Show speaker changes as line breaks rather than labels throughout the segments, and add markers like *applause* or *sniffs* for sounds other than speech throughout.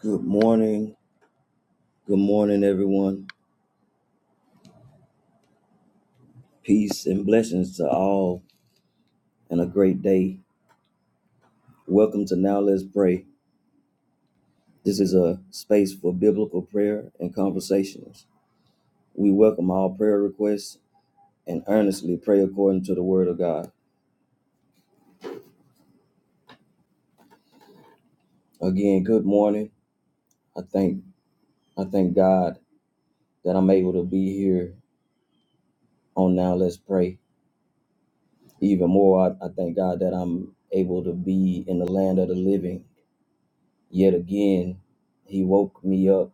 Good morning. Good morning, everyone. Peace and blessings to all, and a great day. Welcome to Now Let's Pray. This is a space for biblical prayer and conversations. We welcome all prayer requests and earnestly pray according to the Word of God. Again, good morning. I thank I thank God that I'm able to be here on Now Let's Pray. Even more, I, I thank God that I'm able to be in the land of the living yet again. He woke me up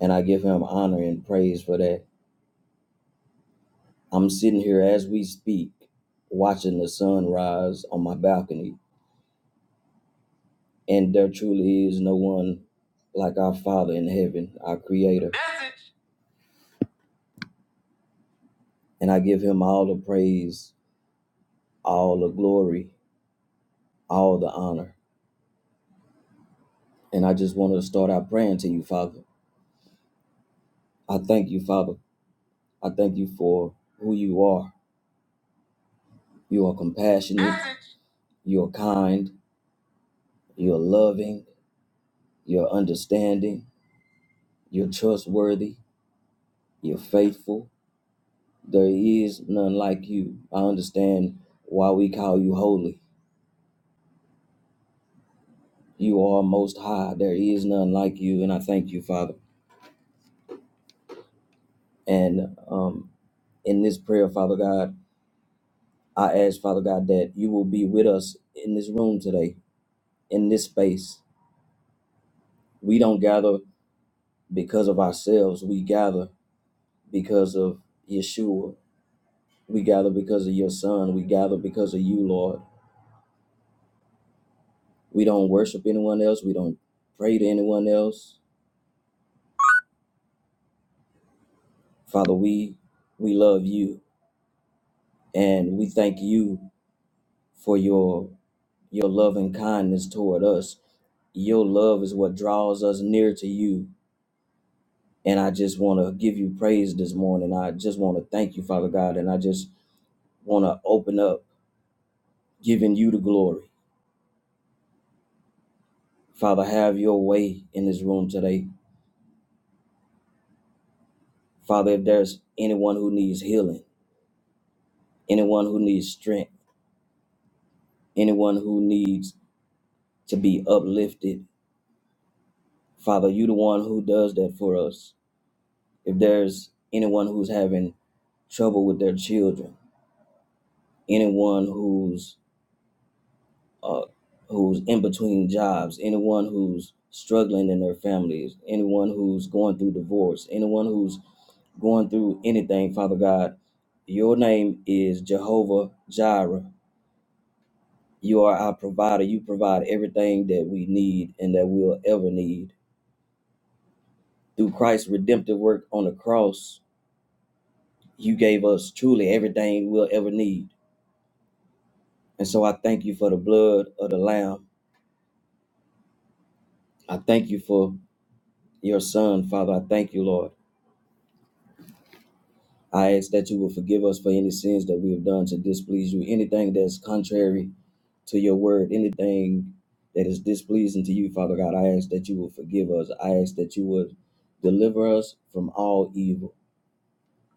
and I give him honor and praise for that. I'm sitting here as we speak, watching the sun rise on my balcony, and there truly is no one like our Father in heaven, our Creator. And I give him all the praise, all the glory, all the honor. And I just want to start out praying to you, Father. I thank you, Father. I thank you for who you are. You are compassionate, you are kind, you are loving, you are understanding, you're trustworthy, You're faithful. There is none like you. I understand why we call you holy. You are most high. There is none like you. And I thank you, Father. And um, in this prayer, Father God, I ask, Father God, that you will be with us in this room today, in this space. We don't gather because of ourselves. We gather because of Yeshua. We gather because of your Son. We gather because of you, Lord. We don't worship anyone else. We don't pray to anyone else Father, we we love you and we thank you for your your love and kindness toward us. Your love is what draws us near to you. And I just want to give you praise this morning. I just want to thank you, Father God, and I just want to open up giving you the glory. Father, have your way in this room today. Father, if there's anyone who needs healing, anyone who needs strength, anyone who needs to be uplifted, Father, you the one who does that for us. If there's anyone who's having trouble with their children, anyone who's uh, who's in between jobs, anyone who's struggling in their families, anyone who's going through divorce, anyone who's going through anything, Father God, your name is Jehovah Jireh. You are our provider. You provide everything that we need and that we'll ever need. Through Christ's redemptive work on the cross, you gave us truly everything we'll ever need. And so I thank you for the blood of the Lamb. I thank you for your Son, Father. I thank you, Lord. I ask that you will forgive us for any sins that we have done to displease you, anything that's contrary to your word, anything that is displeasing to you, Father God. I ask that you will forgive us. I ask that you would deliver us from all evil,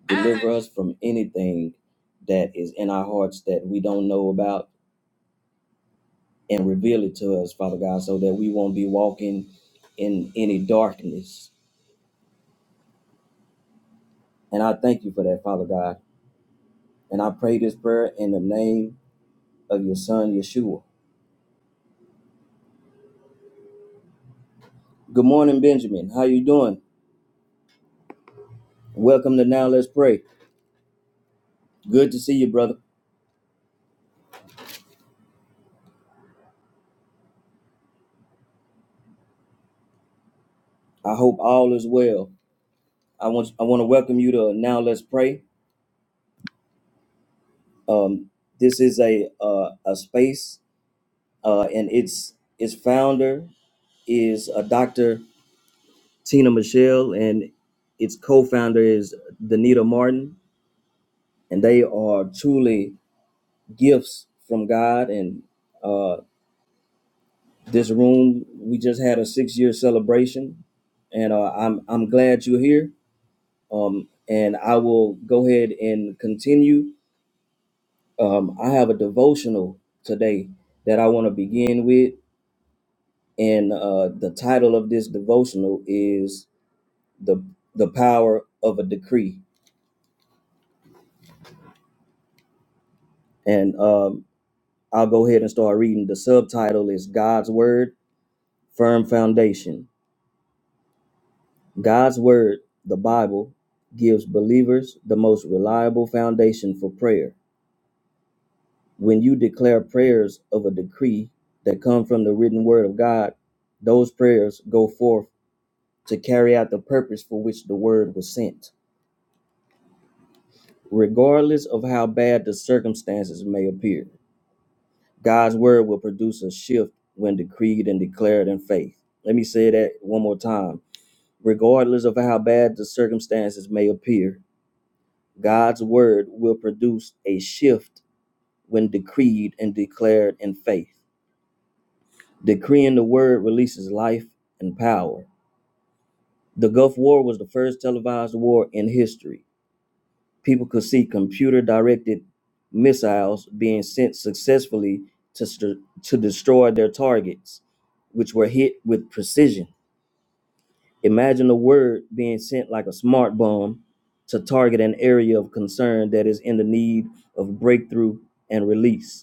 deliver us from anything that is in our hearts that we don't know about, and reveal it to us, Father God, so that we won't be walking in any darkness And I thank you for that, Father God. And I pray this prayer in the name of your son, Yeshua. Good morning, Benjamin. How you doing? Welcome to Now Let's Pray. Good to see you, brother. I hope all is well. I want I want to welcome you to Now Let's Pray. Um, this is a uh, a space, uh, and its its founder is a Dr. Tina Michelle, and its co-founder is Danita Martin, and they are truly gifts from God and uh. This room, we just had a six year celebration, and uh, I'm I'm glad you're here. Um, and I will go ahead and continue. Um, I have a devotional today that I want to begin with, and uh, the title of this devotional is the the power of a decree. And um, I'll go ahead and start reading. The subtitle is God's Word, Firm Foundation God's word, the Bible, gives believers the most reliable foundation for prayer. When you declare prayers of a decree that come from the written word of God, those prayers go forth to carry out the purpose for which the word was sent. Regardless of how bad the circumstances may appear, God's word will produce a shift when decreed and declared in faith. Let me say that one more time. Regardless of how bad the circumstances may appear, God's word will produce a shift when decreed and declared in faith. Decreeing the word releases life and power. The Gulf War was the first televised war in history. People could see computer directed missiles being sent successfully to, st- to destroy their targets, which were hit with precision. Imagine a word being sent like a smart bomb to target an area of concern that is in the need of breakthrough and release.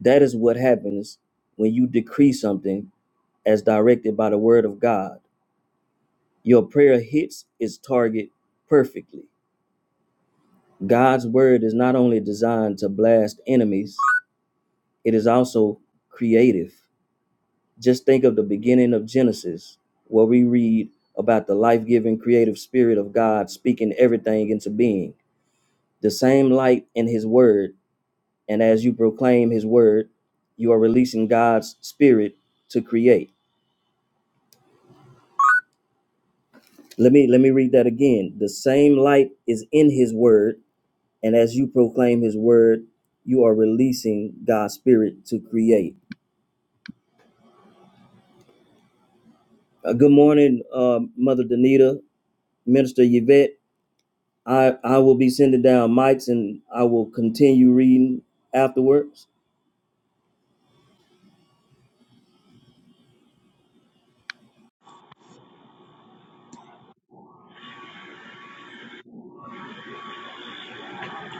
That is what happens when you decree something as directed by the word of God. Your prayer hits its target perfectly. God's word is not only designed to blast enemies, it is also creative. Just think of the beginning of Genesis, where we read about the life giving creative spirit of God speaking everything into being. The same light in his word, and as you proclaim his word, you are releasing God's spirit to create Let me let me read that again. The same light is in his word, and as you proclaim his word, you are releasing God's spirit to create. Uh, good morning, uh, Mother Danita, Minister Yvette. I, I will be sending down mics and I will continue reading afterwards.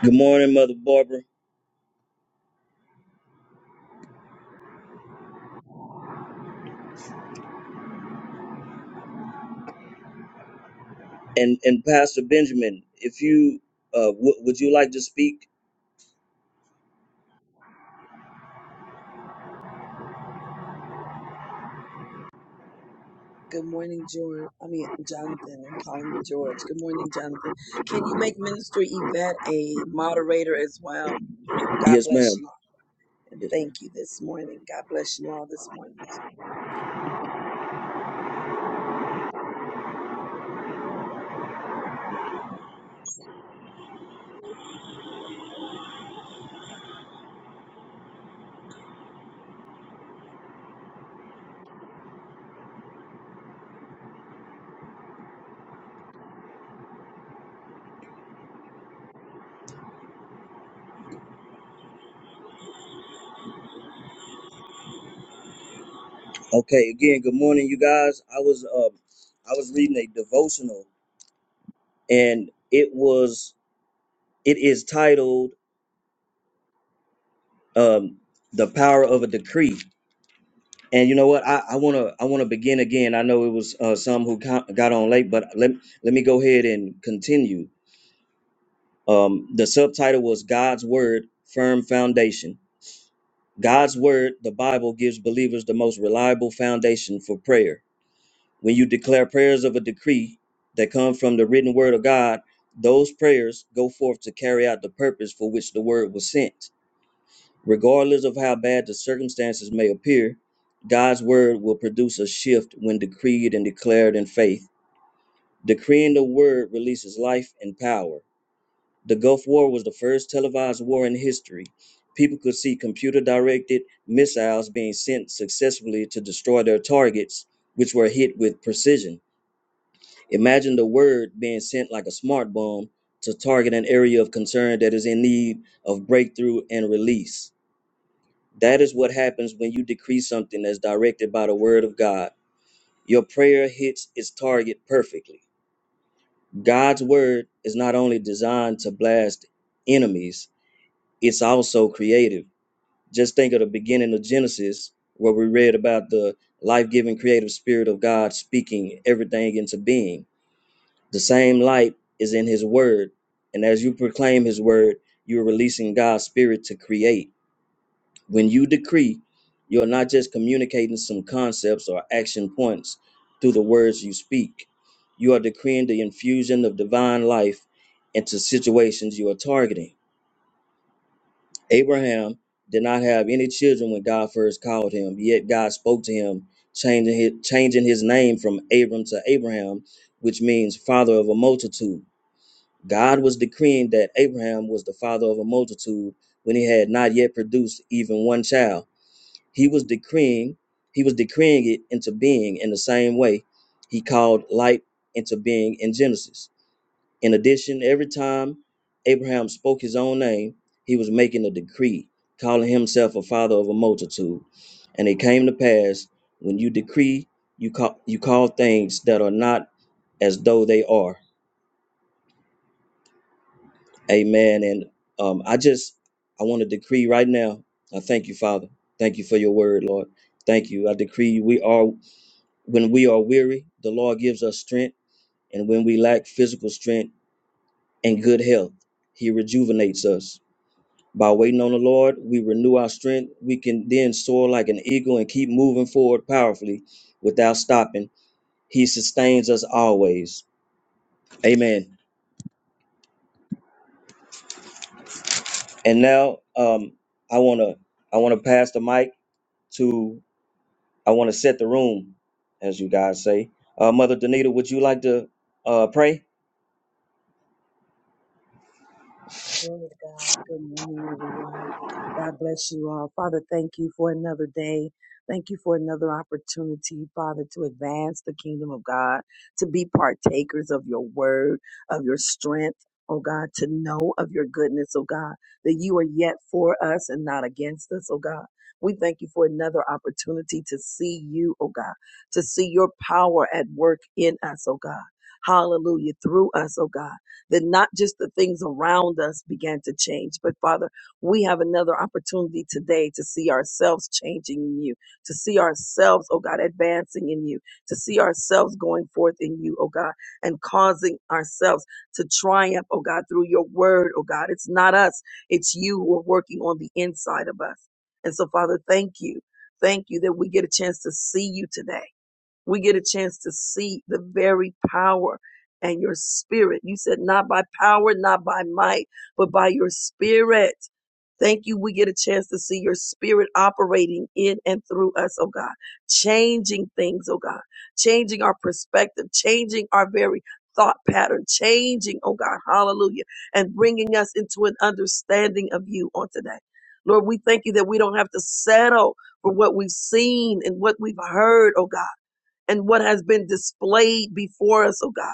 Good morning, Mother Barbara. And and Pastor Benjamin, if you uh, w- would you like to speak?
Good morning, George. I mean, Jonathan. I'm calling you George. Good morning, Jonathan. Can you make Minister Yvette a moderator as well? God
Yes,
bless
ma'am.
you. And
Yes,
thank
ma'am.
you this morning. God bless you all this morning.
Okay. Again, good morning, you guys. I was um I was reading a devotional and it was it is titled um the power of a decree and you know what i i want to i want to begin again i know it was uh, some who co- got on late but let, let me go ahead and continue um the subtitle was god's word firm foundation god's word the bible gives believers the most reliable foundation for prayer when you declare prayers of a decree that come from the written word of god those prayers go forth to carry out the purpose for which the word was sent Regardless of how bad the circumstances may appear, God's word will produce a shift when decreed and declared in faith. Decreeing the word releases life and power. The Gulf War was the first televised war in history. People could see computer directed missiles being sent successfully to destroy their targets, which were hit with precision. Imagine the word being sent like a smart bomb to target an area of concern that is in need of breakthrough and release. That is what happens when you decree something that's directed by the word of God. Your prayer hits its target perfectly. God's word is not only designed to blast enemies, it's also creative. Just think of the beginning of Genesis, where we read about the life giving creative spirit of God speaking everything into being. The same light is in his word. And as you proclaim his word, you're releasing God's spirit to create. When you decree, you're not just communicating some concepts or action points through the words you speak, you are decreeing the infusion of divine life into situations you are targeting. Abraham did not have any children when God first called him, yet God spoke to him, changing his, changing his name from Abram to Abraham, which means father of a multitude. God was decreeing that Abraham was the father of a multitude when he had not yet produced even one child. He was decreeing, he was decreeing it into being in the same way he called light into being in Genesis. In addition, every time Abraham spoke his own name, he was making a decree, calling himself a father of a multitude. And it came to pass when you decree, you call you call things that are not as though they are. Amen. And um, I just I want to decree right now. I thank you, Father. Thank you for your word, Lord. Thank you. I decree we are. When we are weary, the Lord gives us strength, and when we lack physical strength and good health, He rejuvenates us. By waiting on the Lord, we renew our strength. We can then soar like an eagle and keep moving forward powerfully without stopping. He sustains us always. Amen. And now, um, I wanna I wanna pass the mic to I wanna set the room, as you guys say. Uh, Mother Danita, would you like to uh, pray?
Glory to God. Good morning, everyone. God bless you all. Father, thank you for another day. Thank you for another opportunity, Father, to advance the kingdom of God, to be partakers of your word, of your strength, oh God, to know of your goodness, oh God, that you are yet for us and not against us, oh God. We thank you for another opportunity to see you, oh God, to see your power at work in us, oh God. Hallelujah, through us, oh God that not just the things around us began to change, but Father, we have another opportunity today to see ourselves changing in you, to see ourselves, oh God, advancing in you, to see ourselves going forth in you, oh God, and causing ourselves to triumph, oh God, through your word, oh God. It's not us, it's you who are working on the inside of us. And so, Father, thank you. Thank you that we get a chance to see you today we get a chance to see the very power and your spirit. You said, not by power, not by might, but by your spirit. Thank you. We get a chance to see your spirit operating in and through us, oh God, changing things, oh God, changing our perspective, changing our very thought pattern, changing, oh God, hallelujah, and bringing us into an understanding of you on today. Lord, we thank you that we don't have to settle for what we've seen and what we've heard, oh God and what has been displayed before us, oh God.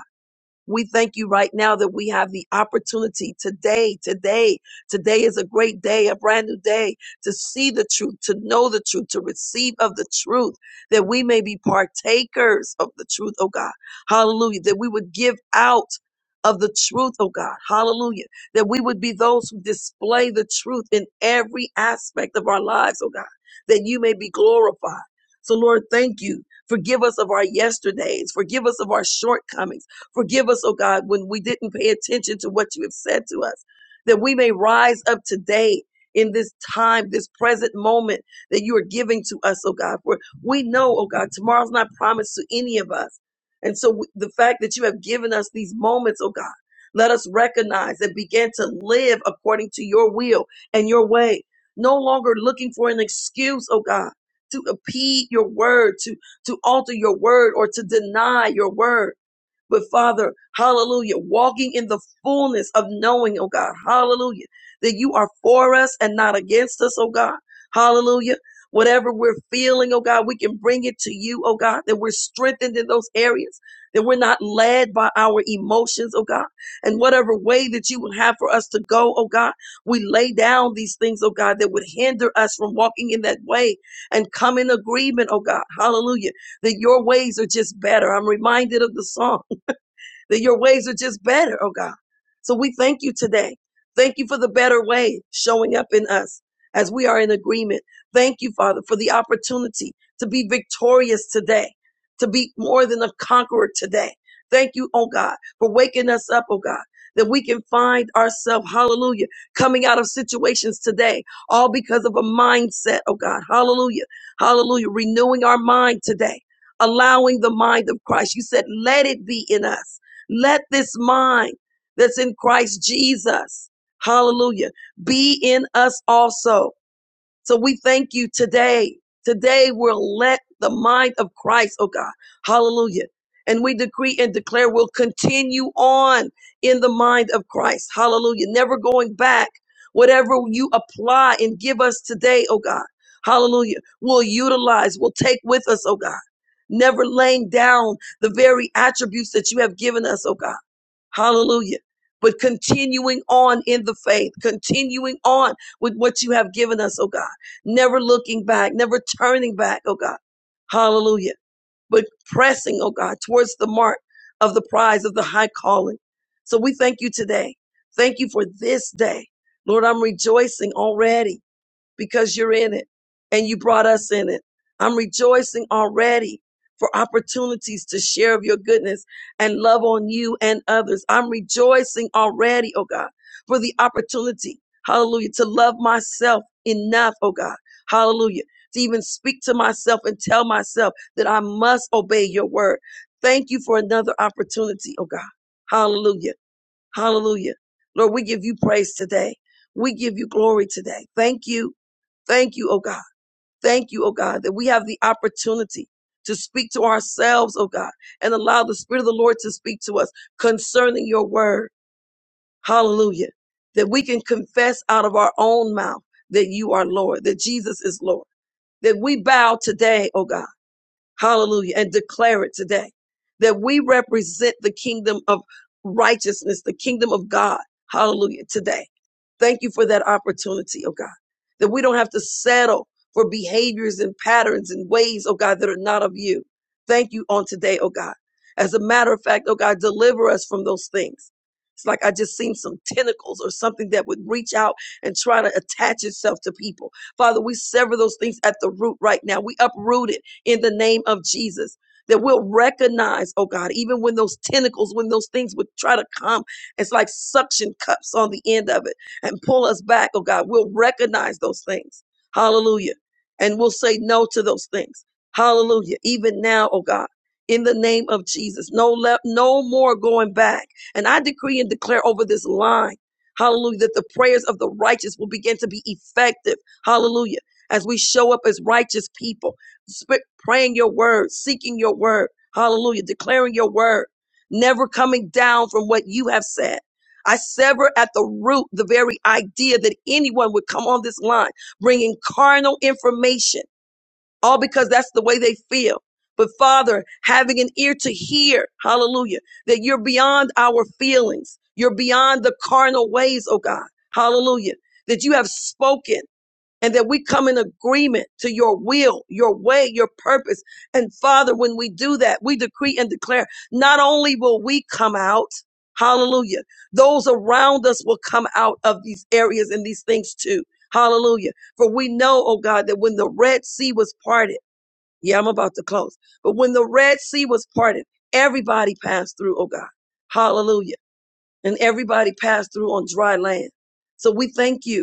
We thank you right now that we have the opportunity today, today, today is a great day, a brand new day to see the truth, to know the truth, to receive of the truth, that we may be partakers of the truth, oh God. Hallelujah. That we would give out of the truth, oh God. Hallelujah. That we would be those who display the truth in every aspect of our lives, oh God. That you may be glorified. So Lord, thank you. Forgive us of our yesterdays. Forgive us of our shortcomings. Forgive us, oh God, when we didn't pay attention to what you have said to us, that we may rise up today in this time, this present moment that you are giving to us, oh God. For we know, oh God, tomorrow's not promised to any of us. And so w- the fact that you have given us these moments, oh God, let us recognize and begin to live according to your will and your way, no longer looking for an excuse, oh God. To impede your word, to to alter your word, or to deny your word but Father, hallelujah, walking in the fullness of knowing, oh God, hallelujah, that you are for us and not against us, oh God, hallelujah. Whatever we're feeling, oh God, we can bring it to you, oh God, that we're strengthened in those areas, that we're not led by our emotions, oh God. And whatever way that you would have for us to go, oh God, we lay down these things, oh God, that would hinder us from walking in that way and come in agreement, oh God, hallelujah, that your ways are just better. I'm reminded of the song that your ways are just better, oh God. So we thank you today. Thank you for the better way showing up in us as we are in agreement. Thank you, Father, for the opportunity to be victorious today, to be more than a conqueror today. Thank you, oh God, for waking us up, oh God, that we can find ourselves, hallelujah, coming out of situations today, all because of a mindset, oh God, hallelujah, hallelujah, renewing our mind today, allowing the mind of Christ. You said, let it be in us. Let this mind that's in Christ Jesus, hallelujah, be in us also. So we thank you today. Today we'll let the mind of Christ, oh God, hallelujah. And we decree and declare we'll continue on in the mind of Christ, hallelujah, never going back. Whatever you apply and give us today, oh God, hallelujah, we'll utilize, we'll take with us, oh God, never laying down the very attributes that you have given us, oh God. Hallelujah. But continuing on in the faith, continuing on with what you have given us, oh God. Never looking back, never turning back, oh God. Hallelujah. But pressing, oh God, towards the mark of the prize of the high calling. So we thank you today. Thank you for this day. Lord, I'm rejoicing already because you're in it and you brought us in it. I'm rejoicing already for opportunities to share of your goodness and love on you and others. I'm rejoicing already, oh God, for the opportunity, hallelujah, to love myself enough, oh God, hallelujah, to even speak to myself and tell myself that I must obey your word. Thank you for another opportunity, oh God, hallelujah, hallelujah. Lord, we give you praise today. We give you glory today. Thank you Thank you, oh God. Thank you, oh God, that we have the opportunity to speak to ourselves, oh God, and allow the Spirit of the Lord to speak to us concerning your word. Hallelujah. That we can confess out of our own mouth that you are Lord, that Jesus is Lord. That we bow today, oh God. Hallelujah. And declare it today. That we represent the kingdom of righteousness, the kingdom of God. Hallelujah. Today. Thank you for that opportunity, oh God, that we don't have to settle for behaviors and patterns and ways, oh God, that are not of you. Thank you on today, oh God. As a matter of fact, oh God, deliver us from those things. It's like I just seen some tentacles or something that would reach out and try to attach itself to people. Father, we sever those things at the root right now. We uproot it in the name of Jesus. That we'll recognize, oh God, even when those tentacles, when those things would try to come, it's like suction cups on the end of it and pull us back, oh God. We'll recognize those things. Hallelujah. And we'll say no to those things. Hallelujah. Even now, oh God. In the name of Jesus, no left, no more going back. And I decree and declare over this line, hallelujah, that the prayers of the righteous will begin to be effective. Hallelujah. As we show up as righteous people, praying your word, seeking your word, hallelujah, declaring your word, never coming down from what you have said I sever at the root the very idea that anyone would come on this line bringing carnal information, all because that's the way they feel. But Father, having an ear to hear, hallelujah, that you're beyond our feelings. You're beyond the carnal ways, oh God, hallelujah, that you have spoken and that we come in agreement to your will, your way, your purpose. And Father, when we do that, we decree and declare not only will we come out, hallelujah, those around us will come out of these areas and these things too. Hallelujah. For we know, oh God, that when the Red Sea was parted, yeah, I'm about to close, but when the Red Sea was parted, everybody passed through, oh God. Hallelujah. And everybody passed through on dry land. So we thank you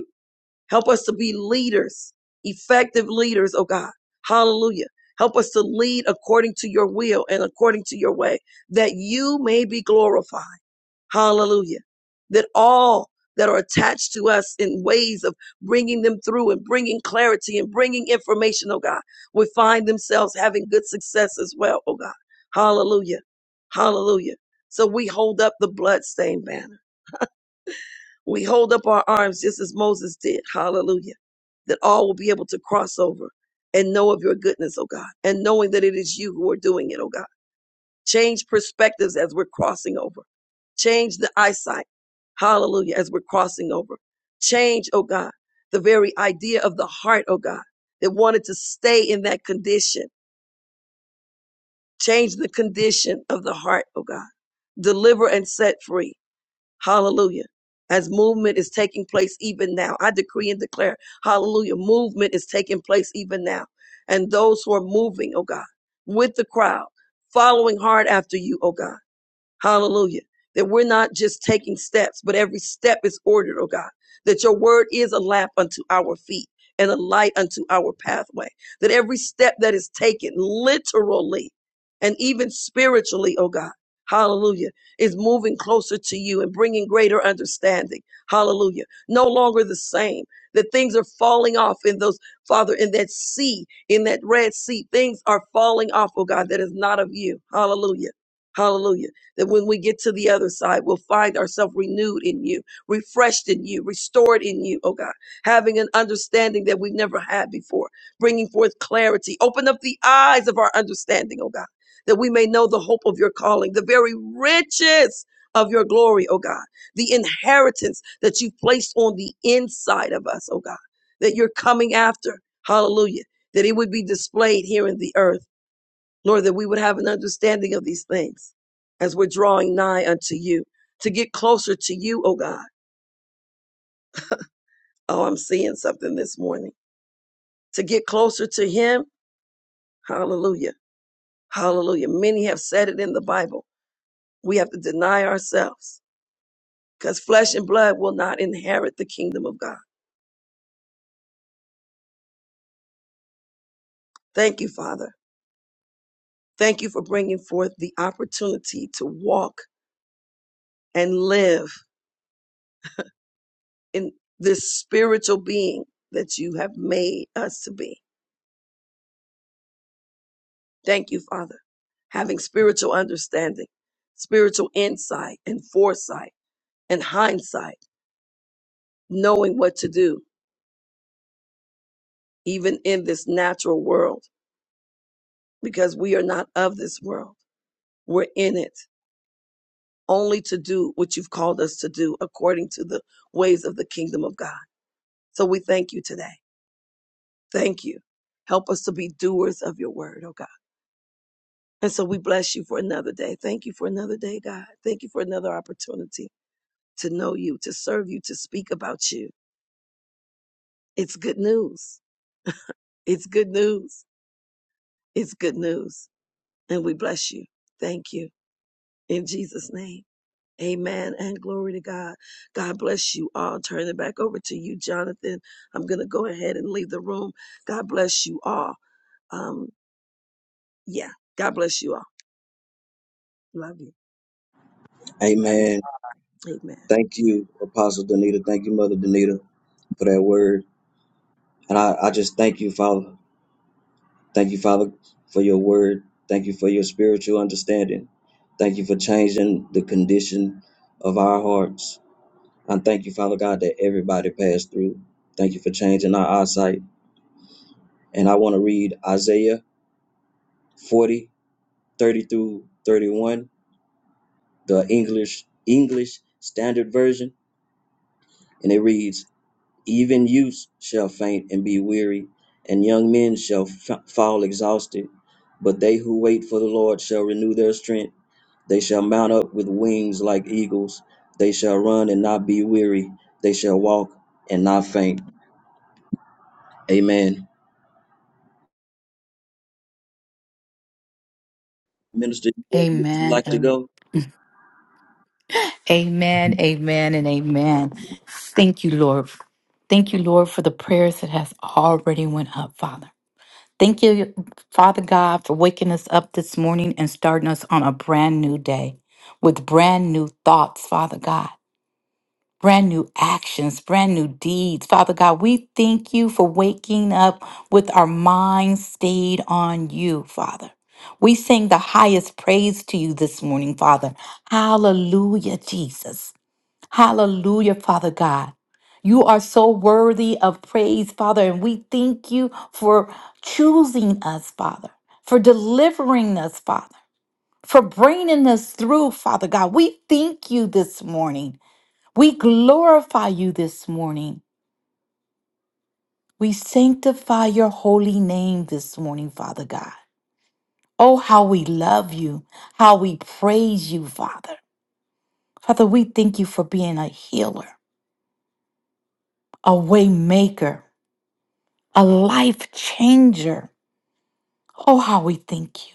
Help us to be leaders, effective leaders, oh God. Hallelujah. Help us to lead according to your will and according to your way, that you may be glorified. Hallelujah. That all that are attached to us in ways of bringing them through and bringing clarity and bringing information, oh God, will find themselves having good success as well, oh God. Hallelujah. Hallelujah. So we hold up the bloodstained banner. We hold up our arms just as Moses did. Hallelujah. That all will be able to cross over and know of your goodness, oh God, and knowing that it is you who are doing it, oh God. Change perspectives as we're crossing over. Change the eyesight. Hallelujah. As we're crossing over. Change, oh God, the very idea of the heart, oh God, that wanted to stay in that condition. Change the condition of the heart, oh God. Deliver and set free. Hallelujah. As movement is taking place even now, I decree and declare, hallelujah, movement is taking place even now. And those who are moving, oh God, with the crowd, following hard after you, oh God. Hallelujah. That we're not just taking steps, but every step is ordered, oh God. That your word is a lamp unto our feet and a light unto our pathway. That every step that is taken literally and even spiritually, oh God. Hallelujah. Is moving closer to you and bringing greater understanding. Hallelujah. No longer the same. That things are falling off in those, Father, in that sea, in that Red Sea. Things are falling off, oh God, that is not of you. Hallelujah. Hallelujah that when we get to the other side, we'll find ourselves renewed in you, refreshed in you, restored in you, oh God, having an understanding that we've never had before, bringing forth clarity. Open up the eyes of our understanding, oh God, that we may know the hope of your calling, the very riches of your glory, oh God, the inheritance that you've placed on the inside of us, oh God, that you're coming after. Hallelujah. That it would be displayed here in the earth. Lord, that we would have an understanding of these things as we're drawing nigh unto you, to get closer to you, oh God. Oh, I'm seeing something this morning. To get closer to Him, hallelujah, hallelujah. Many have said it in the Bible. We have to deny ourselves because flesh and blood will not inherit the kingdom of God. Thank you, Father. Thank you for bringing forth the opportunity to walk and live in this spiritual being that you have made us to be. Thank you, Father. Having spiritual understanding, spiritual insight and foresight and hindsight, knowing what to do, even in this natural world, because we are not of this world. We're in it only to do what you've called us to do according to the ways of the kingdom of God. So we thank you today. Thank you. Help us to be doers of your word, oh God. And so we bless you for another day. Thank you for another day, God. Thank you for another opportunity to know you, to serve you, to speak about you. It's good news. It's good news. It's good news. And we bless you. Thank you. In Jesus' name. Amen and glory to God. God bless you all. Turn it back over to you, Jonathan. I'm going to go ahead and leave the room. God bless you all. Um, yeah, God bless you all. Love you.
Love you.
Amen.
Amen.
Thank you, Apostle Danita. Thank you, Mother Danita, for that word. And I, I just thank you, Father. Thank you, Father, for your word. Thank you for your spiritual understanding. Thank you for changing the condition of our hearts. And thank you, Father God, that everybody passed through. Thank you for changing our eyesight. And I want to read Isaiah 40 30 through 31, the English English Standard Version. And it reads, Even youths shall faint and be weary, and young men shall fa- fall exhausted. But they who wait for the Lord shall renew their strength. They shall mount up with wings like eagles. They shall run and not be weary. They shall walk and not faint. Amen. Minister, Yvette, would you
Amen.
like to
and
go?
Amen. Amen. And amen. Thank you, Lord. Thank you, Lord, for the prayers that has already went up, Father. Thank you, Father God, for waking us up this morning and starting us on a brand new day with brand new thoughts, Father God. brand new actions, brand new deeds. Father God, we thank you for waking up with our minds stayed on you, Father. We sing the highest praise to you this morning, Father. Hallelujah, Jesus. Hallelujah, Father God. You are so worthy of praise, Father, and we thank you for choosing us, Father, for delivering us, Father, for bringing us through, Father God. We thank you this morning. We glorify you this morning. We sanctify your holy name this morning, Father God. Oh, how we love you, how we praise you, Father. Father, we thank you for being a healer, a way maker, a life changer. Oh, how we thank you.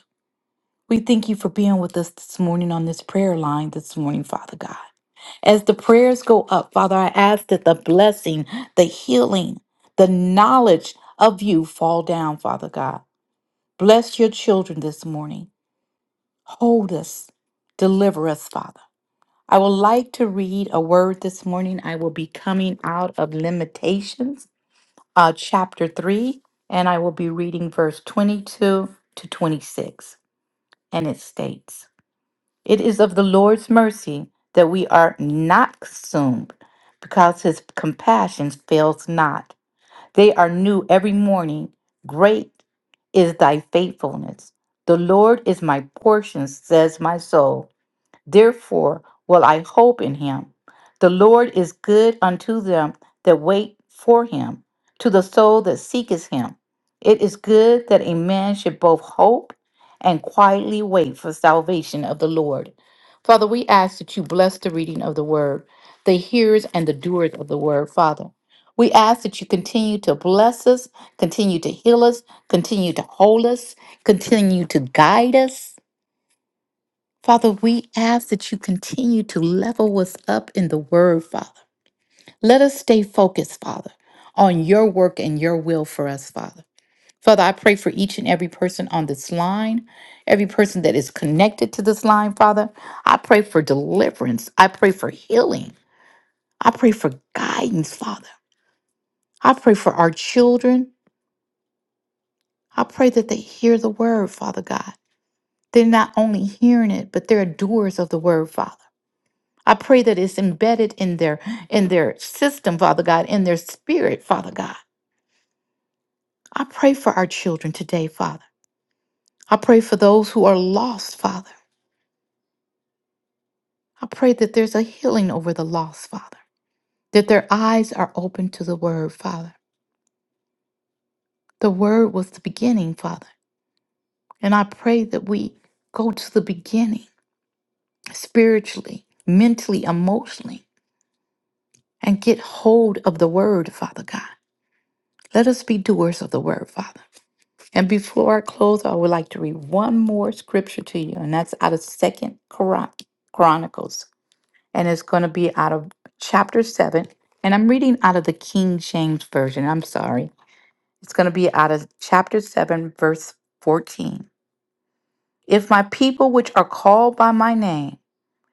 We thank you for being with us this morning on this prayer line this morning, Father God. As the prayers go up, Father, I ask that the blessing, the healing, the knowledge of you fall down, Father God. Bless your children this morning. Hold us. Deliver us, Father. I would like to read a word this morning. I will be coming out of Limitations, uh, chapter 3, and I will be reading verse 22 to 26. And it states it is of the Lord's mercy that we are not consumed, because his compassion fails not. They are new every morning. Great is thy faithfulness. The Lord is my portion, says my soul. Therefore will I hope in him. The Lord is good unto them that wait for him, to the soul that seeketh him. It is good that a man should both hope and quietly wait for salvation of the Lord. Father, we ask that you bless the reading of the word, the hearers and the doers of the word, Father. We ask that you continue to bless us, continue to heal us, continue to hold us, continue to guide us. Father, we ask that you continue to level us up in the word, Father. Let us stay focused, Father, on your work and your will for us, Father. Father, I pray for each and every person on this line, every person that is connected to this line, Father. I pray for deliverance. I pray for healing. I pray for guidance, Father. I pray for our children. I pray that they hear the word, Father God. They're not only hearing it, but they're doers of the word, Father. I pray that it's embedded in their in their system, Father God, in their spirit, Father God. I pray for our children today, Father. I pray for those who are lost, Father. I pray that there's a healing over the lost, Father. That their eyes are open to the word, Father. The word was the beginning, Father. And I pray that we go to the beginning spiritually, mentally, emotionally, and get hold of the word, Father God. Let us be doers of the word, Father. And before I close, I would like to read one more scripture to you, and that's out of Second Chron- Chronicles, and it's going to be out of chapter seven. And I'm reading out of the King James version. I'm sorry, it's going to be out of chapter seven, verse fourteen. If my people, which are called by my name,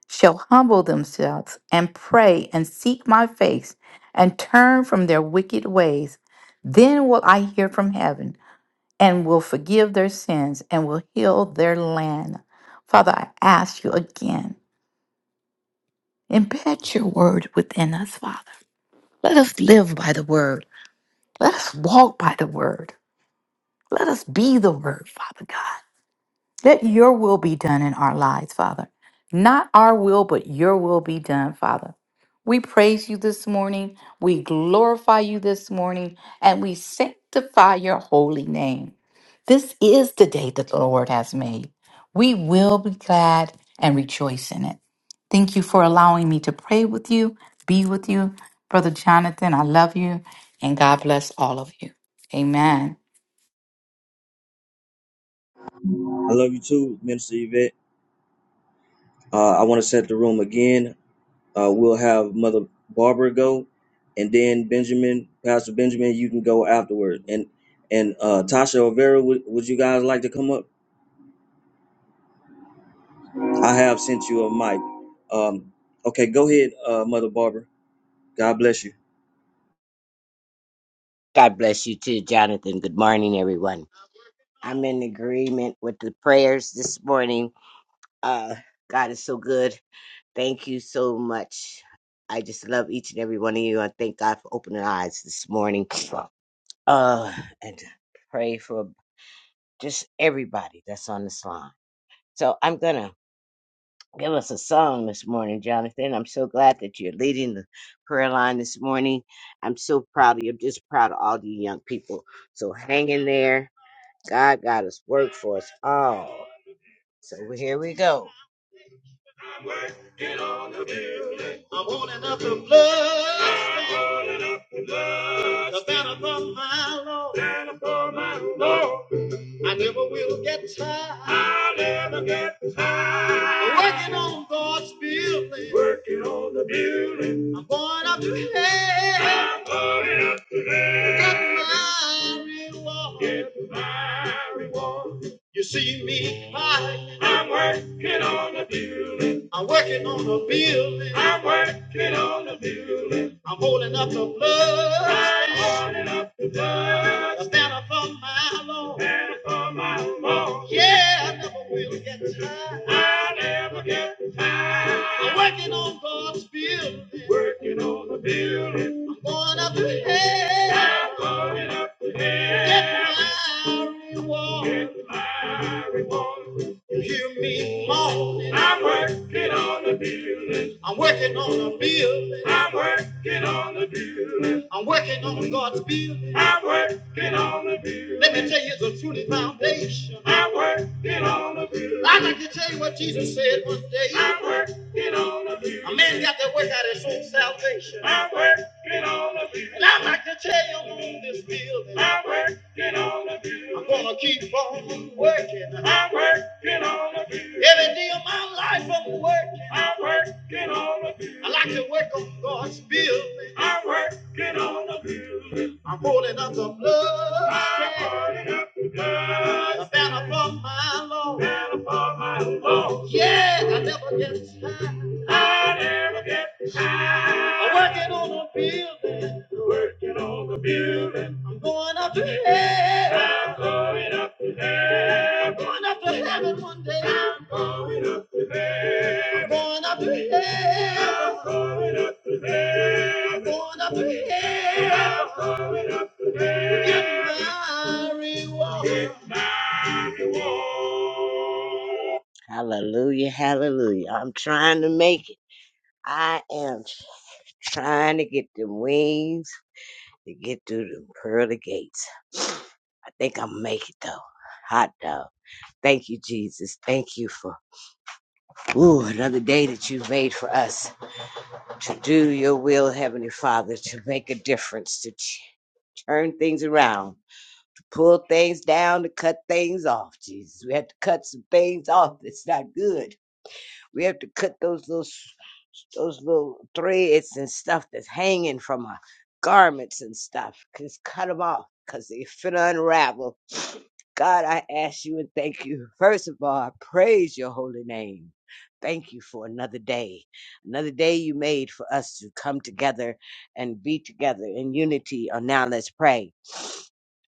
shall humble themselves and pray and seek my face and turn from their wicked ways, then will I hear from heaven and will forgive their sins and will heal their land. Father, I ask you again, embed your word within us, Father. Let us live by the word. Let us walk by the word. Let us be the word, Father God. Let your will be done in our lives, Father. Not our will, but your will be done, Father. We praise you this morning. We glorify you this morning. And we sanctify your holy name. This is the day that the Lord has made. We will be glad and rejoice in it. Thank you for allowing me to pray with you, be with you. Brother Jonathan, I love you. And God bless all of you. Amen.
I love you too, Minister Yvette. Uh, I want to set the room again. Uh, we'll have Mother Barbara go, and then Benjamin, Pastor Benjamin, you can go afterward. And and uh, Tasha Olvera, would, would you guys like to come up? I have sent you a mic. Um, okay, go ahead, uh, Mother Barbara. God bless you.
God bless you too, Jonathan. Good morning, everyone. I'm in agreement with the prayers this morning. Uh, God is so good. Thank you so much. I just love each and every one of you. I thank God for opening eyes this morning. Uh, and pray for just everybody that's on this line. So I'm gonna give us a song this morning, Jonathan. I'm so glad that you're leading the prayer line this morning. I'm so proud of you. I'm just proud of all you young people. So hang in there God got us work for us all. So here we go. I want another blood the banner from my Lord. I never will get tired of working on God's building. Working on the building. I'm going up to heaven. I'm going my reward. It's my reward. You see me high. I'm working on the building. I'm working on the building. I'm working on the building. I'm holding up the blood. I'm holding up Stand upon my Lord. Stand upon my Lord. Yeah, I never will get tired. I never get tired. I'm working on God's building. Working on the building. I'm going up to heaven. going up to heaven. Get my reward. Get my reward. You hear me moaning. I'm working on the building. I'm working on a building. I'm working on the building. I'm working on God's building. I'm working on the building. Let me tell you, it's a truly foundation. I'm working on the building. I'd like to tell you what Jesus said one day. I'm a man got to work out his own salvation. I working on the field. And I'd like to tell you am on this field. I working on the field. I'm gonna keep on working. I working on the field. Every day of my life I'm working. I working on the field. I like to work on God's building. I working on the field. I'm holding up the blood. I The banner from my Lord. Yeah, I never get tired. I'm working on the building. I'm going up to heaven. I'm going up to heaven one day. I'm going up to heaven. I'm going up to heaven. Get my reward. Hallelujah, hallelujah. I'm trying to make it. I am trying to get the wings to get through the pearly gates. I think I'm make it though. Hot dog. Thank you, Jesus. Thank you for ooh, another day that you made for us. to do your will, Heavenly Father, to make a difference, to ch- turn things around, to pull things down, to cut things off, Jesus. We had to cut some things off that's not good we have to cut those little s- those little threads and stuff that's hanging from our garments and stuff. Just cut them off because they finna unravel. God, I ask you and thank you. First of all, I praise your holy name. Thank you for another day, another day you made for us to come together and be together in unity. On now, let's pray.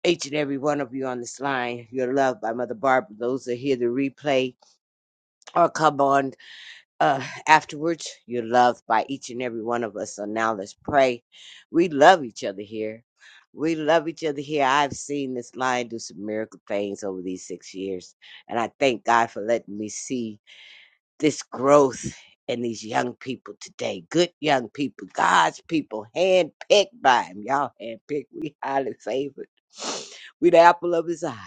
Each and every one of you on this line, you're loved by Mother Barbara. Those that hear the replay, or come on uh, afterwards. You're loved by each and every one of us. So now let's pray. We love each other here. We love each other here. I've seen this line do some miracle things over these six years. And I thank God for letting me see this growth in these young people today. Good young people, God's people, handpicked by Him. Y'all handpicked. We highly favored. We the apple of His eye.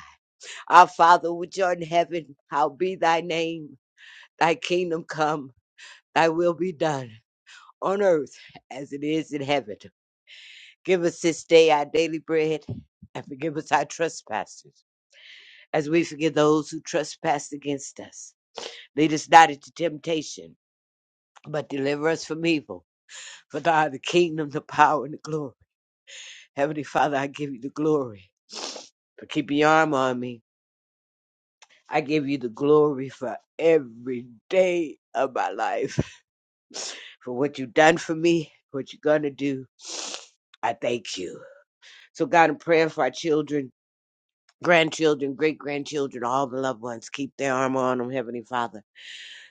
Our Father, which art in heaven, how be thy name. Thy kingdom come Thy will be done on earth as it is in heaven. Give us this day our daily bread and forgive us our trespasses as we forgive those who trespass against us. Lead us not into temptation, but deliver us from evil. For thine is the kingdom, the power, and the glory. Heavenly Father, I give you the glory for keeping your arm on me. I give you the glory for every day of my life, for what you've done for me, what you're going to do. I thank you. So, God, in prayer for our children, grandchildren, great grandchildren, all the loved ones. Keep their armor on them, Heavenly Father.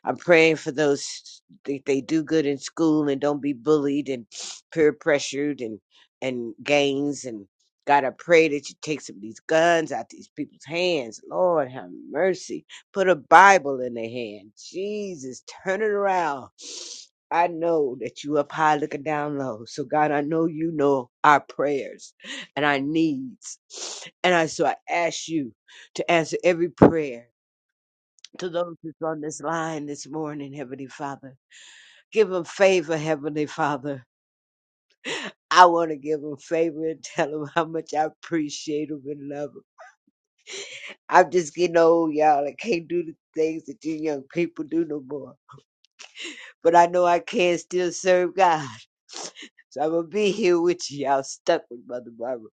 I'm praying for those that they do good in school and don't be bullied and *sniffs* peer pressured and and gangs and God, I pray that you take some of these guns out these people's hands. Lord, have mercy. Put a Bible in their hand. Jesus, turn it around. I know that you up high looking down low. So God, I know you know our prayers and our needs. And I so I ask you to answer every prayer to those that's on this line this morning, Heavenly Father. Give them favor, Heavenly Father. I want to give them favor and tell them how much I appreciate them and love them. I'm just getting old, y'all. I can't do the things that you young people do no more. But I know I can still serve God. So I'm going to be here with you. Y'all stuck with Mother Barbara.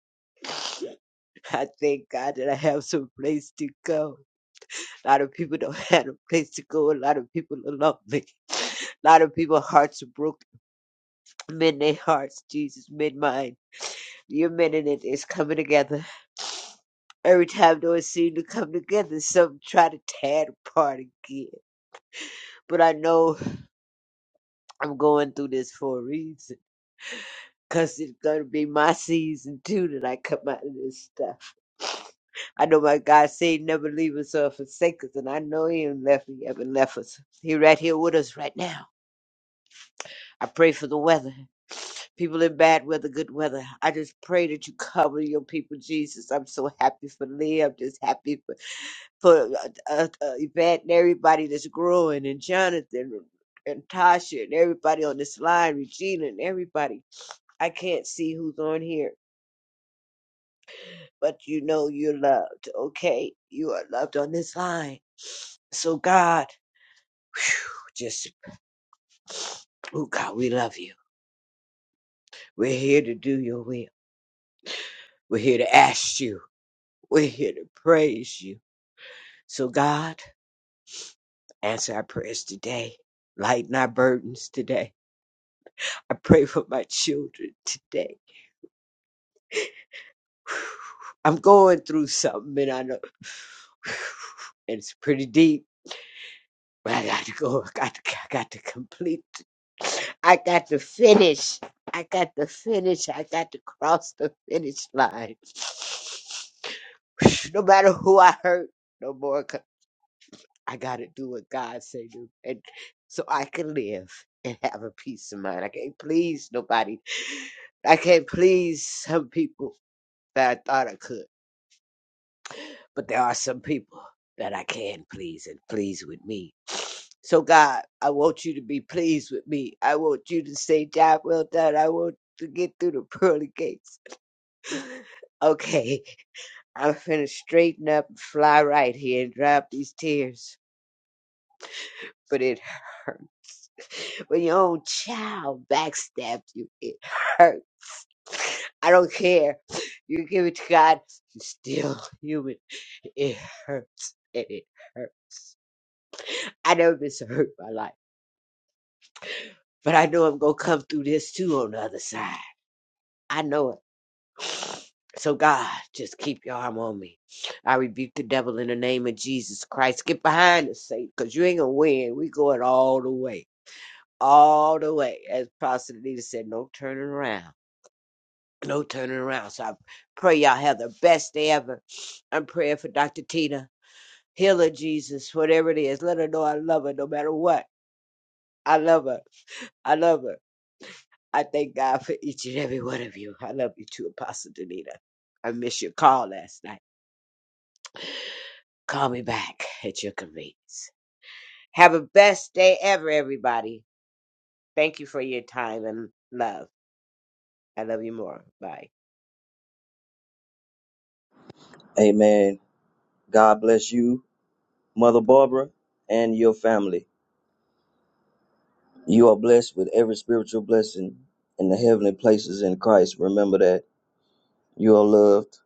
I thank God that I have some place to go. A lot of people don't *laughs* have a place to go. A lot of people are lonely. A lot of people's hearts are broken Mend their hearts, Jesus, mend mine. Your are mending it. It's coming together. Every time though it seems to come together, some try to tear it apart again. But I know I'm going through this for a reason. Cause it's gonna be my season too that I come out of this stuff. I know my God said he never leave us or forsake us, and I know he ain't left me, haven't left us. He right here with us right now. I pray for the weather. people in bad weather, good weather. I just pray that you cover your people, Jesus. I'm so happy for Leah. I'm just happy for, for uh, uh, uh, Yvette and everybody that's growing, and Jonathan and Tasha and everybody on this line, Regina and everybody. I can't see who's on here, but you know you're loved, okay? You are loved on this line. So, God, whew, just, oh, God, we love you. We're here to do your will. We're here to ask you. We're here to praise you. So, God, answer our prayers today. Lighten our burdens today. I pray for my children today. *sighs* I'm going through something and I know *sighs* and it's pretty deep, but I got to go. I got to, I got to complete. I got to finish. I got to finish. I got to cross the finish line. *sighs* No matter who I hurt, no more. I got to do what God say do, and so I can live and have a peace of mind. I can't please nobody. I can't please some people that I thought I could, but there are some people that I can please and please with me. So God, I want you to be pleased with me. I want you to say, "Job well done." I want to get through the pearly gates. *laughs* okay, I'm finna straighten up and fly right here and drop these tears, but it hurt When your own child backstabbed you, it hurt. I don't care. You give it to God, you're still *laughs* human. It hurts. And it hurts. I never been so hurt in my life. But I know I'm gonna come through this too on the other side. I know it. *sighs* So God, just keep your arm on me. I rebuke the devil in the name of Jesus Christ. Get behind us, Satan, because you ain't gonna win. We going all the way. All the way. As Pastor Nita said, no turning around. no turning around. So I pray y'all have the best day ever. I'm praying for Dr. Tina. Heal her, Jesus, whatever it is. Let her know I love her no matter what. I love her. I love her. I thank God for each and every one of you. I love you too, Apostle Danita. I missed your call last night. Call me back at your convenience. Have a best day ever, everybody. Thank you for your time and love. I love you more. Bye.
Amen. God bless you, Mother Barbara, and your family. You are blessed with every spiritual blessing in the heavenly places in Christ. Remember that you are loved.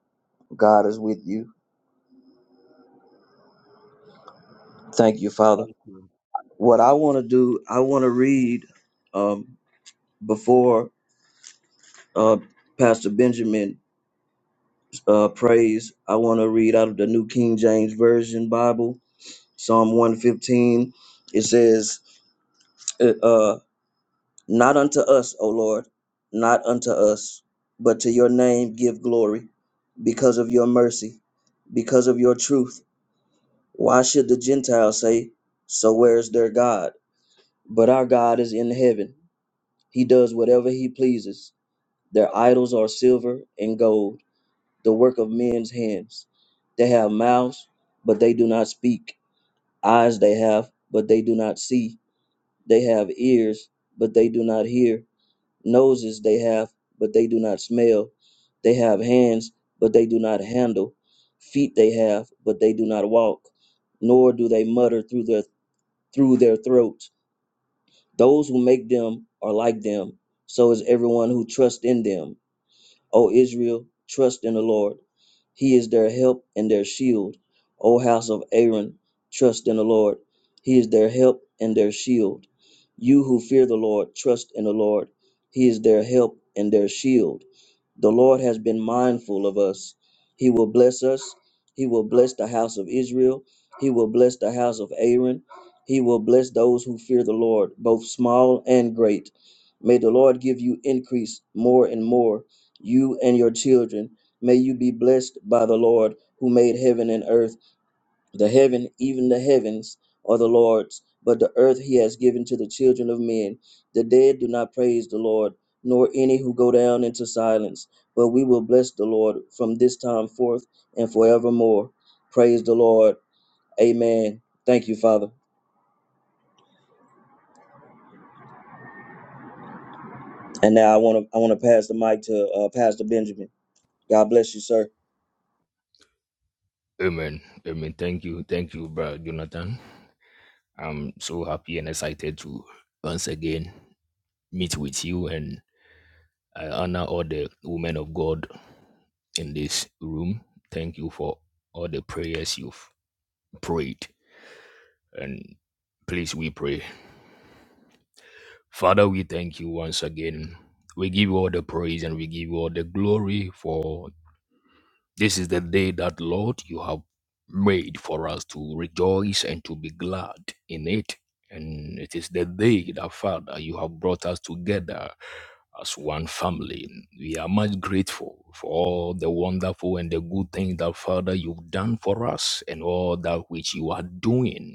God is with you. Thank you, Father. What I want to do, I want to read um, before uh, Pastor Benjamin uh, prays. I want to read out of the New King James Version Bible, Psalm 115. It says, uh, uh, Not unto us, O Lord, not unto us, but to your name give glory because of your mercy, because of your truth. Why should the Gentiles say, 'So where is their God? But our God is in heaven. He does whatever he pleases. Their idols are silver and gold, the work of men's hands. They have mouths, but they do not speak. Eyes they have, but they do not see. They have ears, but they do not hear. Noses they have, but they do not smell. They have hands, but they do not handle. Feet they have, but they do not walk. Nor do they mutter through their through their throats. Those who make them are like them. So is everyone who trusts in them. O Israel, trust in the Lord. He is their help and their shield. O house of Aaron, trust in the Lord. He is their help and their shield. You who fear the Lord, trust in the Lord. He is their help and their shield. The Lord has been mindful of us. He will bless us. He will bless the house of Israel. He will bless the house of Aaron. He will bless those who fear the Lord, both small and great. May the Lord give you increase more and more, you and your children. May you be blessed by the Lord who made heaven and earth. The heaven, even the heavens, are the Lord's, but the earth he has given to the children of men. The dead do not praise the Lord, nor any who go down into silence. But we will bless the Lord from this time forth and forevermore. Praise the Lord. Amen. Thank you, Father. And now I want to I want to pass the mic to uh, Pastor Benjamin. God bless you, sir.
Amen. Amen. Thank you. Thank you, brother Jonathan. I'm so happy and excited to once again meet with you and I honor all the women of God in this room. Thank you for all the prayers you've prayed. And please, we pray. Father, we thank you once again. We give you all the praise and we give you all the glory for This is the day that, Lord, you have made for us to rejoice and to be glad in it. And it is the day that, Father, you have brought us together as one family. We are much grateful for all the wonderful and the good things that, Father, you've done for us and all that which you are doing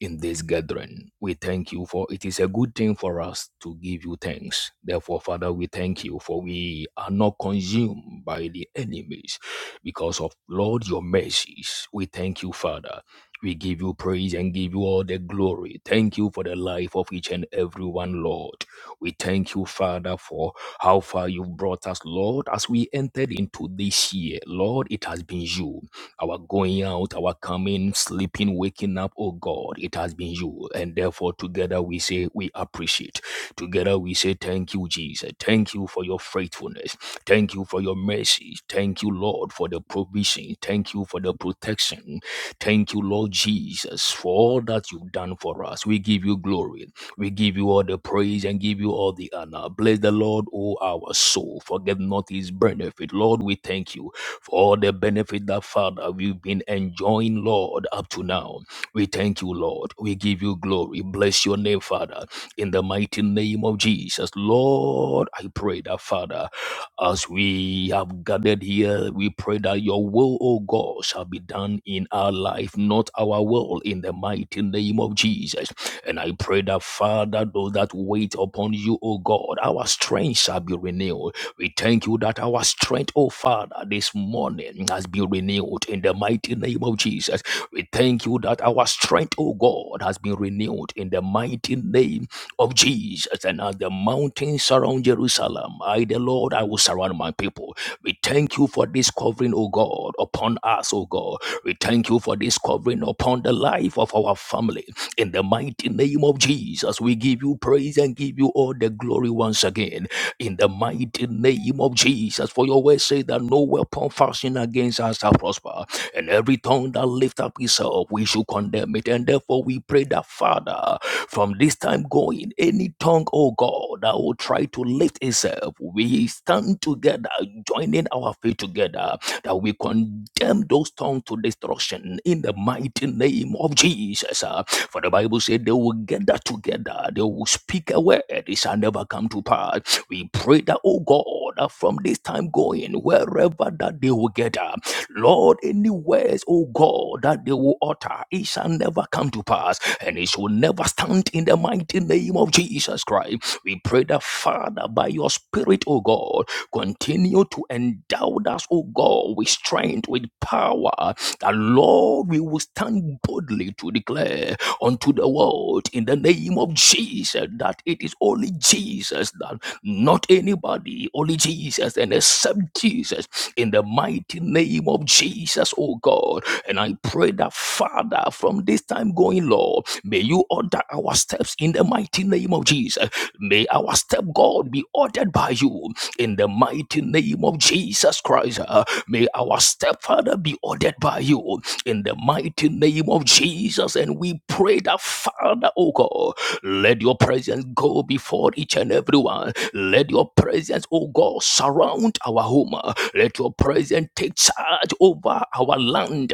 in this gathering. We thank you for it is a good thing for us to give you thanks. Therefore, Father, we thank you for we are not consumed by the enemies because of Lord your mercies. We thank you, Father. We give you praise and give you all the glory. Thank you for the life of each and every one, Lord. We thank you, Father, for how far you've brought us, Lord, as we entered into this year. Lord, it has been you our going out, our coming, sleeping, waking up, oh God, it has been you. And therefore, together we say we appreciate. Together we say thank you, Jesus. Thank you for your faithfulness. Thank you for your mercy. Thank you, Lord, for the provision. Thank you for the protection. Thank you, Lord Jesus, for all that you've done for us. We give you glory. We give you all the praise and give you all the honor. Bless the Lord, O our soul. Forget not his benefit. Lord, we thank you for all the benefit that Father we've been enjoying, Lord, up to now. We thank you, Lord. We give you glory. Bless your name, Father, in the mighty name of Jesus. Lord, I pray that, Father, as we have gathered here, we pray that your will, O God, shall be done in our life, not our will, in the mighty name of Jesus. And I pray that, Father, those that wait upon you, O God, our strength shall be renewed we thank you that our strength, oh Father, this morning has been renewed in the mighty name of Jesus. We thank you that our strength, oh God, has been renewed in the mighty name of Jesus. And as the mountains surround Jerusalem, I, the Lord, I will surround my people. We thank you for this covering, O God, upon us, O God. We thank you for this covering upon the life of our family. In the mighty name of Jesus, we give you praise and give you all the glory once again in the mighty name of Jesus. For your word say that no weapon fashioned against us shall prosper, and every tongue that lift up itself, we should condemn it. And therefore, we pray that, Father, from this time going, any tongue, oh God, that will try to lift itself, we stand together, joining our faith together that we condemn those tongues to destruction in the mighty name of Jesus. uh. For the Bible said they will gather together, they will speak a word, it shall never come to pass. We pray that, oh God, that from this time going, wherever that they will gather, Lord, any words, oh God, that they will utter, it shall never come to pass, and it shall never stand in the mighty name of Jesus Christ. We pray that, Father, by your Spirit, oh God, Continue to endow us, O God, with strength, with power. That Lord, we will stand boldly to declare unto the world in the name of Jesus that it is only Jesus that not anybody, only Jesus, and except Jesus in the mighty name of Jesus, O God. And I pray that, Father, from this time going, Lord, may you order our steps in the mighty name of Jesus. May our step, God, be ordered by you in the mighty name of Jesus Christ. uh, may our stepfather be ordered by you in the mighty name of Jesus. And we pray that, Father, oh God, let your presence go before each and every one. Let your presence, oh God, surround our home. Let your presence take charge over our land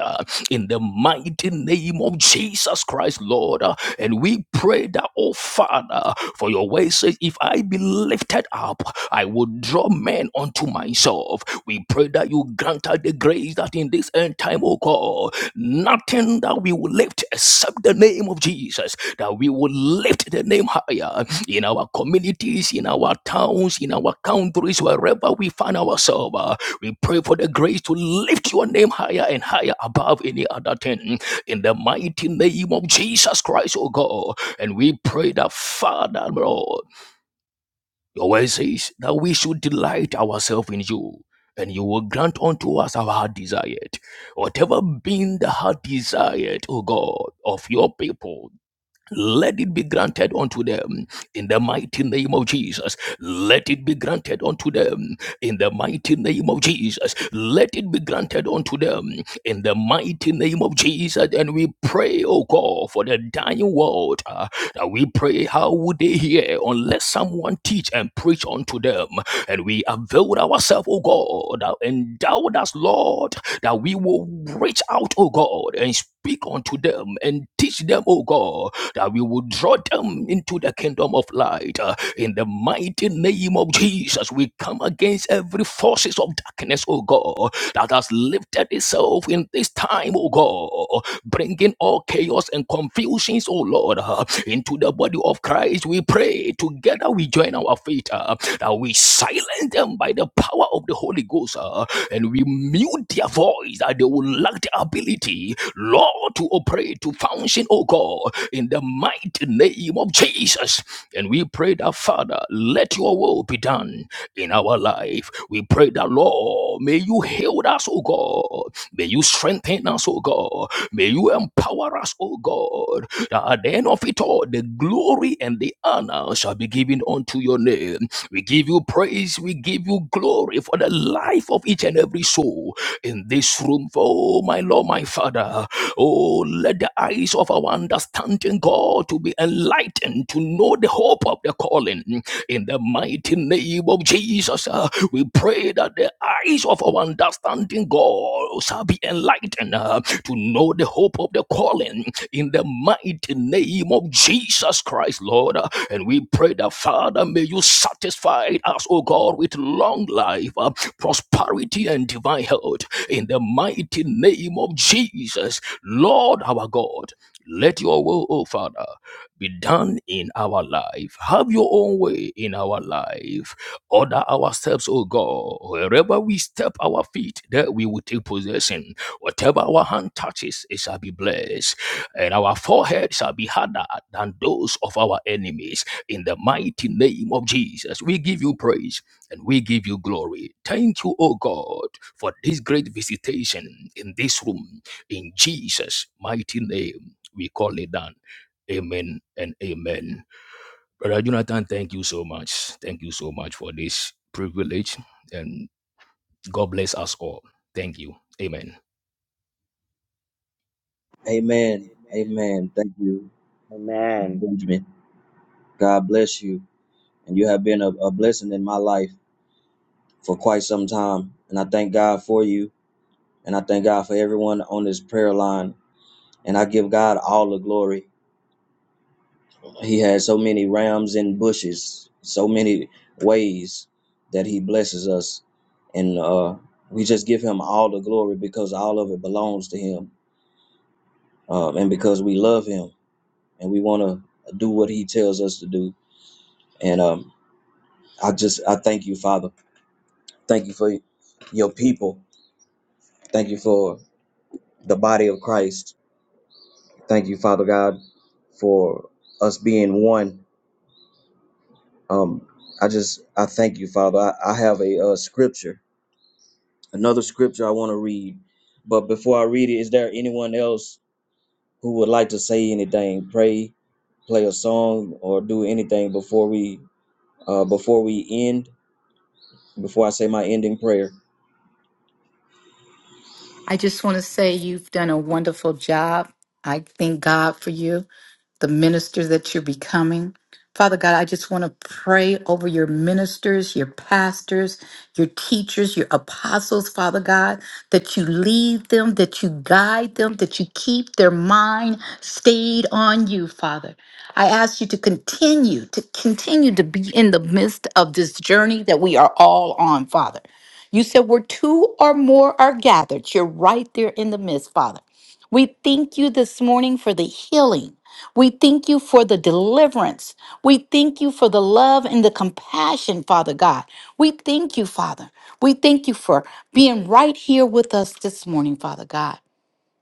in the mighty name of Jesus Christ, Lord. Uh, And we pray that, oh Father, for your way says, if I be lifted up, I will draw men unto myself. We pray that you grant us the grace that in this end time, oh God, nothing that we will lift except the name of Jesus, that we will lift the name higher in our communities, in our towns, in our countries, wherever we find ourselves. Uh, We pray for the grace to lift your name higher and higher above any other thing in the mighty name of Jesus Christ, oh God. And we pray that, Father, Lord. Your word says that we should delight ourselves in you, and you will grant unto us our heart desired. Whatever being the heart desired, O God, of your people, let it be granted unto them in the mighty name of Jesus. Let it be granted unto them in the mighty name of Jesus. Let it be granted unto them in the mighty name of Jesus. And we pray, oh God, for the dying world. uh, that we pray, how would they hear unless someone teach and preach unto them? And we avail ourselves, oh God, that endow us, Lord, that we will reach out, oh God, and speak unto them and teach them, oh God, that we will draw them into the kingdom of light. In the mighty name of Jesus, we come against every forces of darkness, oh God, that has lifted itself in this time, oh God, bringing all chaos and confusions, oh Lord, uh, into the body of Christ. We pray together we join our faith uh, that we silence them by the power of the Holy Ghost uh, and we mute their voice that they will lack the ability, Lord, to operate, to function, oh God, in the mighty name name of Jesus. And we pray that, Father, let your will be done in our life. We pray that, Lord, may you heal us, O God. May you strengthen us, O God. May you empower us, O God. That at the end of it all, the glory and the honor shall be given unto your name. We give you praise. We give you glory for the life of each and every soul in this room. Oh, my Lord, my Father. Oh, let the eyes of our understanding, God, to be enlightened, to know the hope of the calling. In the mighty name of Jesus, uh, we pray that the eyes of our understanding, God, shall be enlightened uh, to know the hope of the calling. In the mighty name of Jesus Christ, Lord. Uh, and we pray that, Father, may you satisfy us, O God, with long life, uh, prosperity, and divine health. In the mighty name of Jesus, Lord our God. Let your will, oh Father, be done in our life. Have your own way in our life. Order ourselves, steps, oh God. Wherever we step our feet, there we will take possession. Whatever our hand touches, it shall be blessed. And our forehead shall be harder than those of our enemies. In the mighty name of Jesus, we give you praise and we give you glory. Thank you, oh God, for this great visitation in this room. In Jesus' mighty name we call it down. Amen and amen. Brother Jonathan, thank you so much. Thank you so much for this privilege and God bless us all. Thank you. Amen.
Amen. Amen. Thank you,
Amen.
Benjamin. God bless you, and you have been a, a blessing in my life. for quite some time. And I thank God for you. And I thank God for everyone on this prayer line. And I give God all the glory. He has so many rams and bushes, so many ways that He blesses us. And uh, we just give Him all the glory because all of it belongs to Him um, and because we love Him and we want to do what He tells us to do. And um, I just, I thank you, Father. Thank you for your people. Thank you for the body of Christ Thank you, Father God, for us being one. Um, I just, I thank you, Father. I, I have a uh, scripture, another scripture I want to read. But before I read it, is there anyone else who would like to say anything, pray, play a song, or do anything before we, uh, before we end? Before I say my ending prayer.
I just want to say you've done a wonderful job. I thank God for you the minister that you're becoming. Father God, I just want to pray over your ministers, your pastors, your teachers, your apostles, Father God, that you lead them, that you guide them, that you keep their mind stayed on you, Father. I ask you to continue, to continue to be in the midst of this journey that we are all on, Father. You said where two or more are gathered, you're right there in the midst, Father. We thank you this morning for the healing. We thank you for the deliverance. We thank you for the love and the compassion, Father God. We thank you, Father. We thank you for being right here with us this morning, Father God.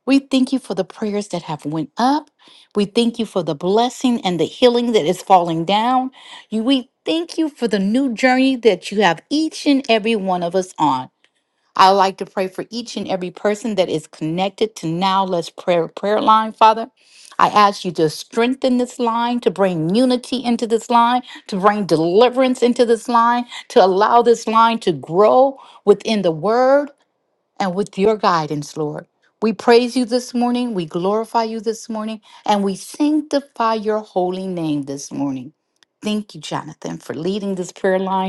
We thank you for the prayers that have went up. We thank you for the blessing and the healing that is falling down. You- We thank you for the new journey that you have each and every one of us on. I would like to pray for each and every person that is connected to Now Let's Prayer prayer line, Father. I ask you to strengthen this line, to bring unity into this line, to bring deliverance into this line, to allow this line to grow within the word and with your guidance, Lord. We praise you this morning, we glorify you this morning, and we sanctify your holy name this morning. Thank you, Jonathan, for leading this prayer line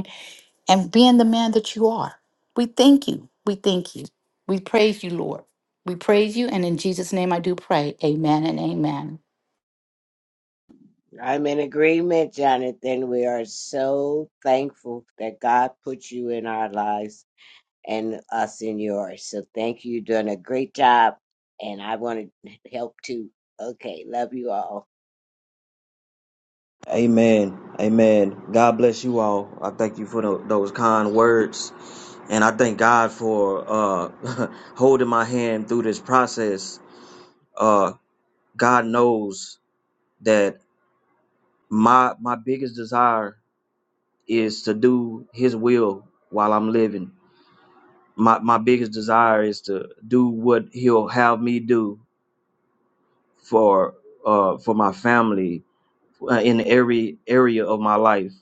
and being the man that you are. We thank you. We thank you. We praise you, Lord. We praise you. And in Jesus' name I do pray. Amen and amen.
I'm in agreement, Jonathan. We are so thankful that God put you in our lives and us in yours. So thank you. You're doing a great job. And I want to help too. Okay. Love you all.
Amen. Amen. God bless you all. I thank you for tho- those kind words. And I thank God for uh, *laughs* holding my hand through this process. Uh, God knows that my my biggest desire is to do his will while I'm living. My, my biggest desire is to do what he'll have me do for uh, for my family uh, in every area of my life.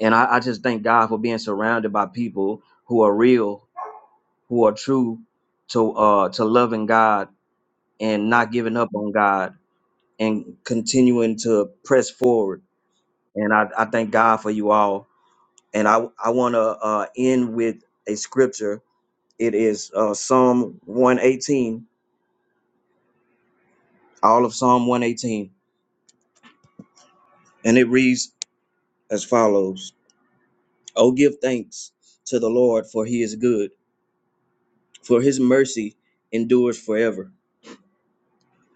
And I, I just thank God for being surrounded by people who are real, who are true to uh to loving God and not giving up on God and continuing to press forward. And I, I thank God for you all. And I I want to uh, end with a scripture. It is uh, Psalm 118, all of Psalm 118, and it reads as follows: "Oh, give thanks to the Lord, for He is good; for His mercy endures forever."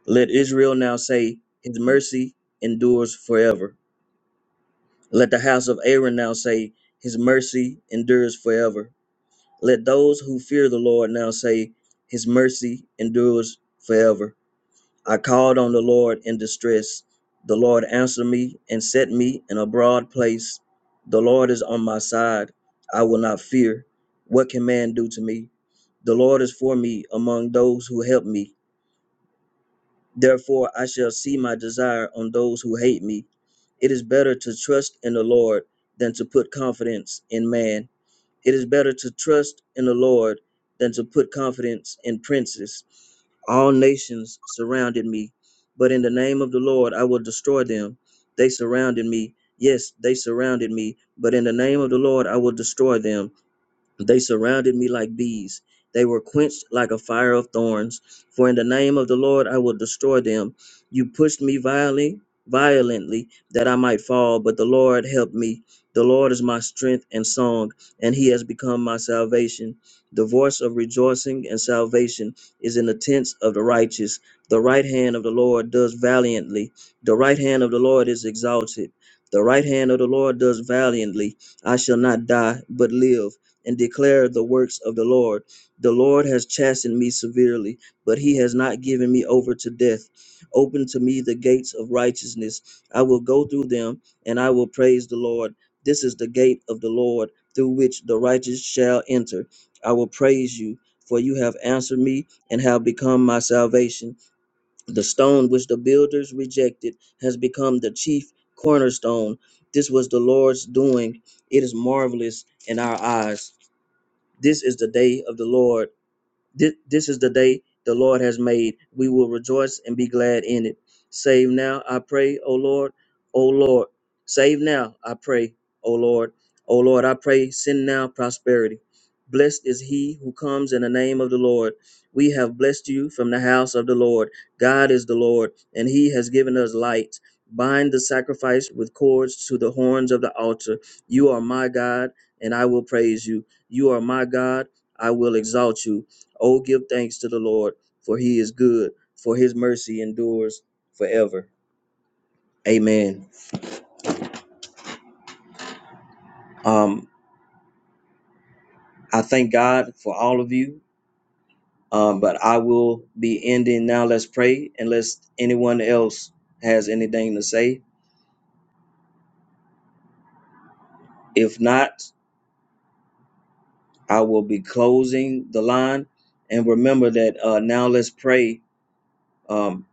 Let Israel now say, His mercy endures forever. Let the house of Aaron now say, His mercy endures forever. Let those who fear the Lord now say, His mercy endures forever. I called on the Lord in distress. The Lord answered me and set me in a broad place. The Lord is on my side. I will not fear. What can man do to me? The Lord is for me among those who help me. Therefore, I shall see my desire on those who hate me. It is better to trust in the Lord than to put confidence in man. It is better to trust in the Lord than to put confidence in princes. All nations surrounded me, but in the name of the Lord I will destroy them. They surrounded me. Yes, they surrounded me, but in the name of the Lord I will destroy them. They surrounded me like bees. They were quenched like a fire of thorns. For in the name of the Lord I will destroy them. You pushed me violently, violently, that I might fall, but the Lord helped me. The Lord is my strength and song, and he has become my salvation. The voice of rejoicing and salvation is in the tents of the righteous. The right hand of the Lord does valiantly. The right hand of the Lord is exalted. The right hand of the Lord does valiantly. I shall not die, but live and declare the works of the Lord. The Lord has chastened me severely, but he has not given me over to death. Open to me the gates of righteousness. I will go through them, and I will praise the Lord. This is the gate of the Lord through which the righteous shall enter. I will praise you, for you have answered me and have become my salvation. The stone which the builders rejected has become the chief cornerstone. This was the Lord's doing. It is marvelous in our eyes. This is the day of the Lord. This, this is the day the Lord has made. We will rejoice and be glad in it. Save now, I pray, O Lord, O Lord. Save now, I pray, O Lord, O Lord, I pray, send now prosperity. Blessed is he who comes in the name of the Lord. We have blessed you from the house of the Lord. God is the Lord, and he has given us light. Bind the sacrifice with cords to the horns of the altar. You are my God, and I will praise you. You are my God, I will exalt you. Oh, give thanks to the Lord, for he is good, for his mercy endures forever. Amen. Um, I thank God for all of you. Um, but I will be ending now. Let's pray unless anyone else has anything to say. If not, I will be closing the line. And remember that uh, now let's pray. Um,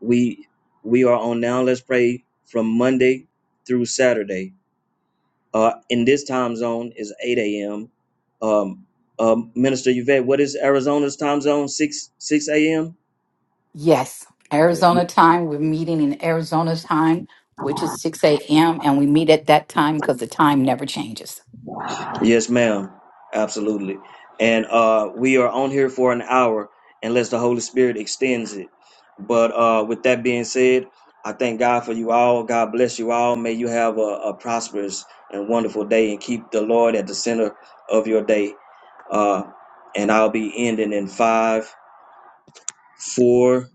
we we are on now let's pray from Monday through Saturday Uh, in this time zone is 8 a.m. Um, um, uh, Minister Yvette, what is Arizona's time zone? 6 6 a.m.
Yes,
Yeah.
Arizona time. We're meeting in Arizona time, which is 6 a.m. And we meet at that time because the time never changes.
Yes, ma'am. Absolutely. And uh, we are on here for an hour unless the Holy Spirit extends it. But uh, with that being said, I thank God for you all. God bless you all. May you have a, a prosperous and wonderful day and keep the Lord at the center of your day. Uh, and I'll be ending in five, four,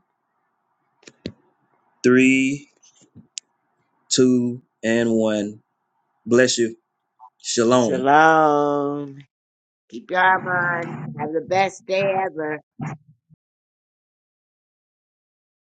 three, two, and one. Bless you. Shalom.
Shalom. Keep your arm on. Have the best day ever.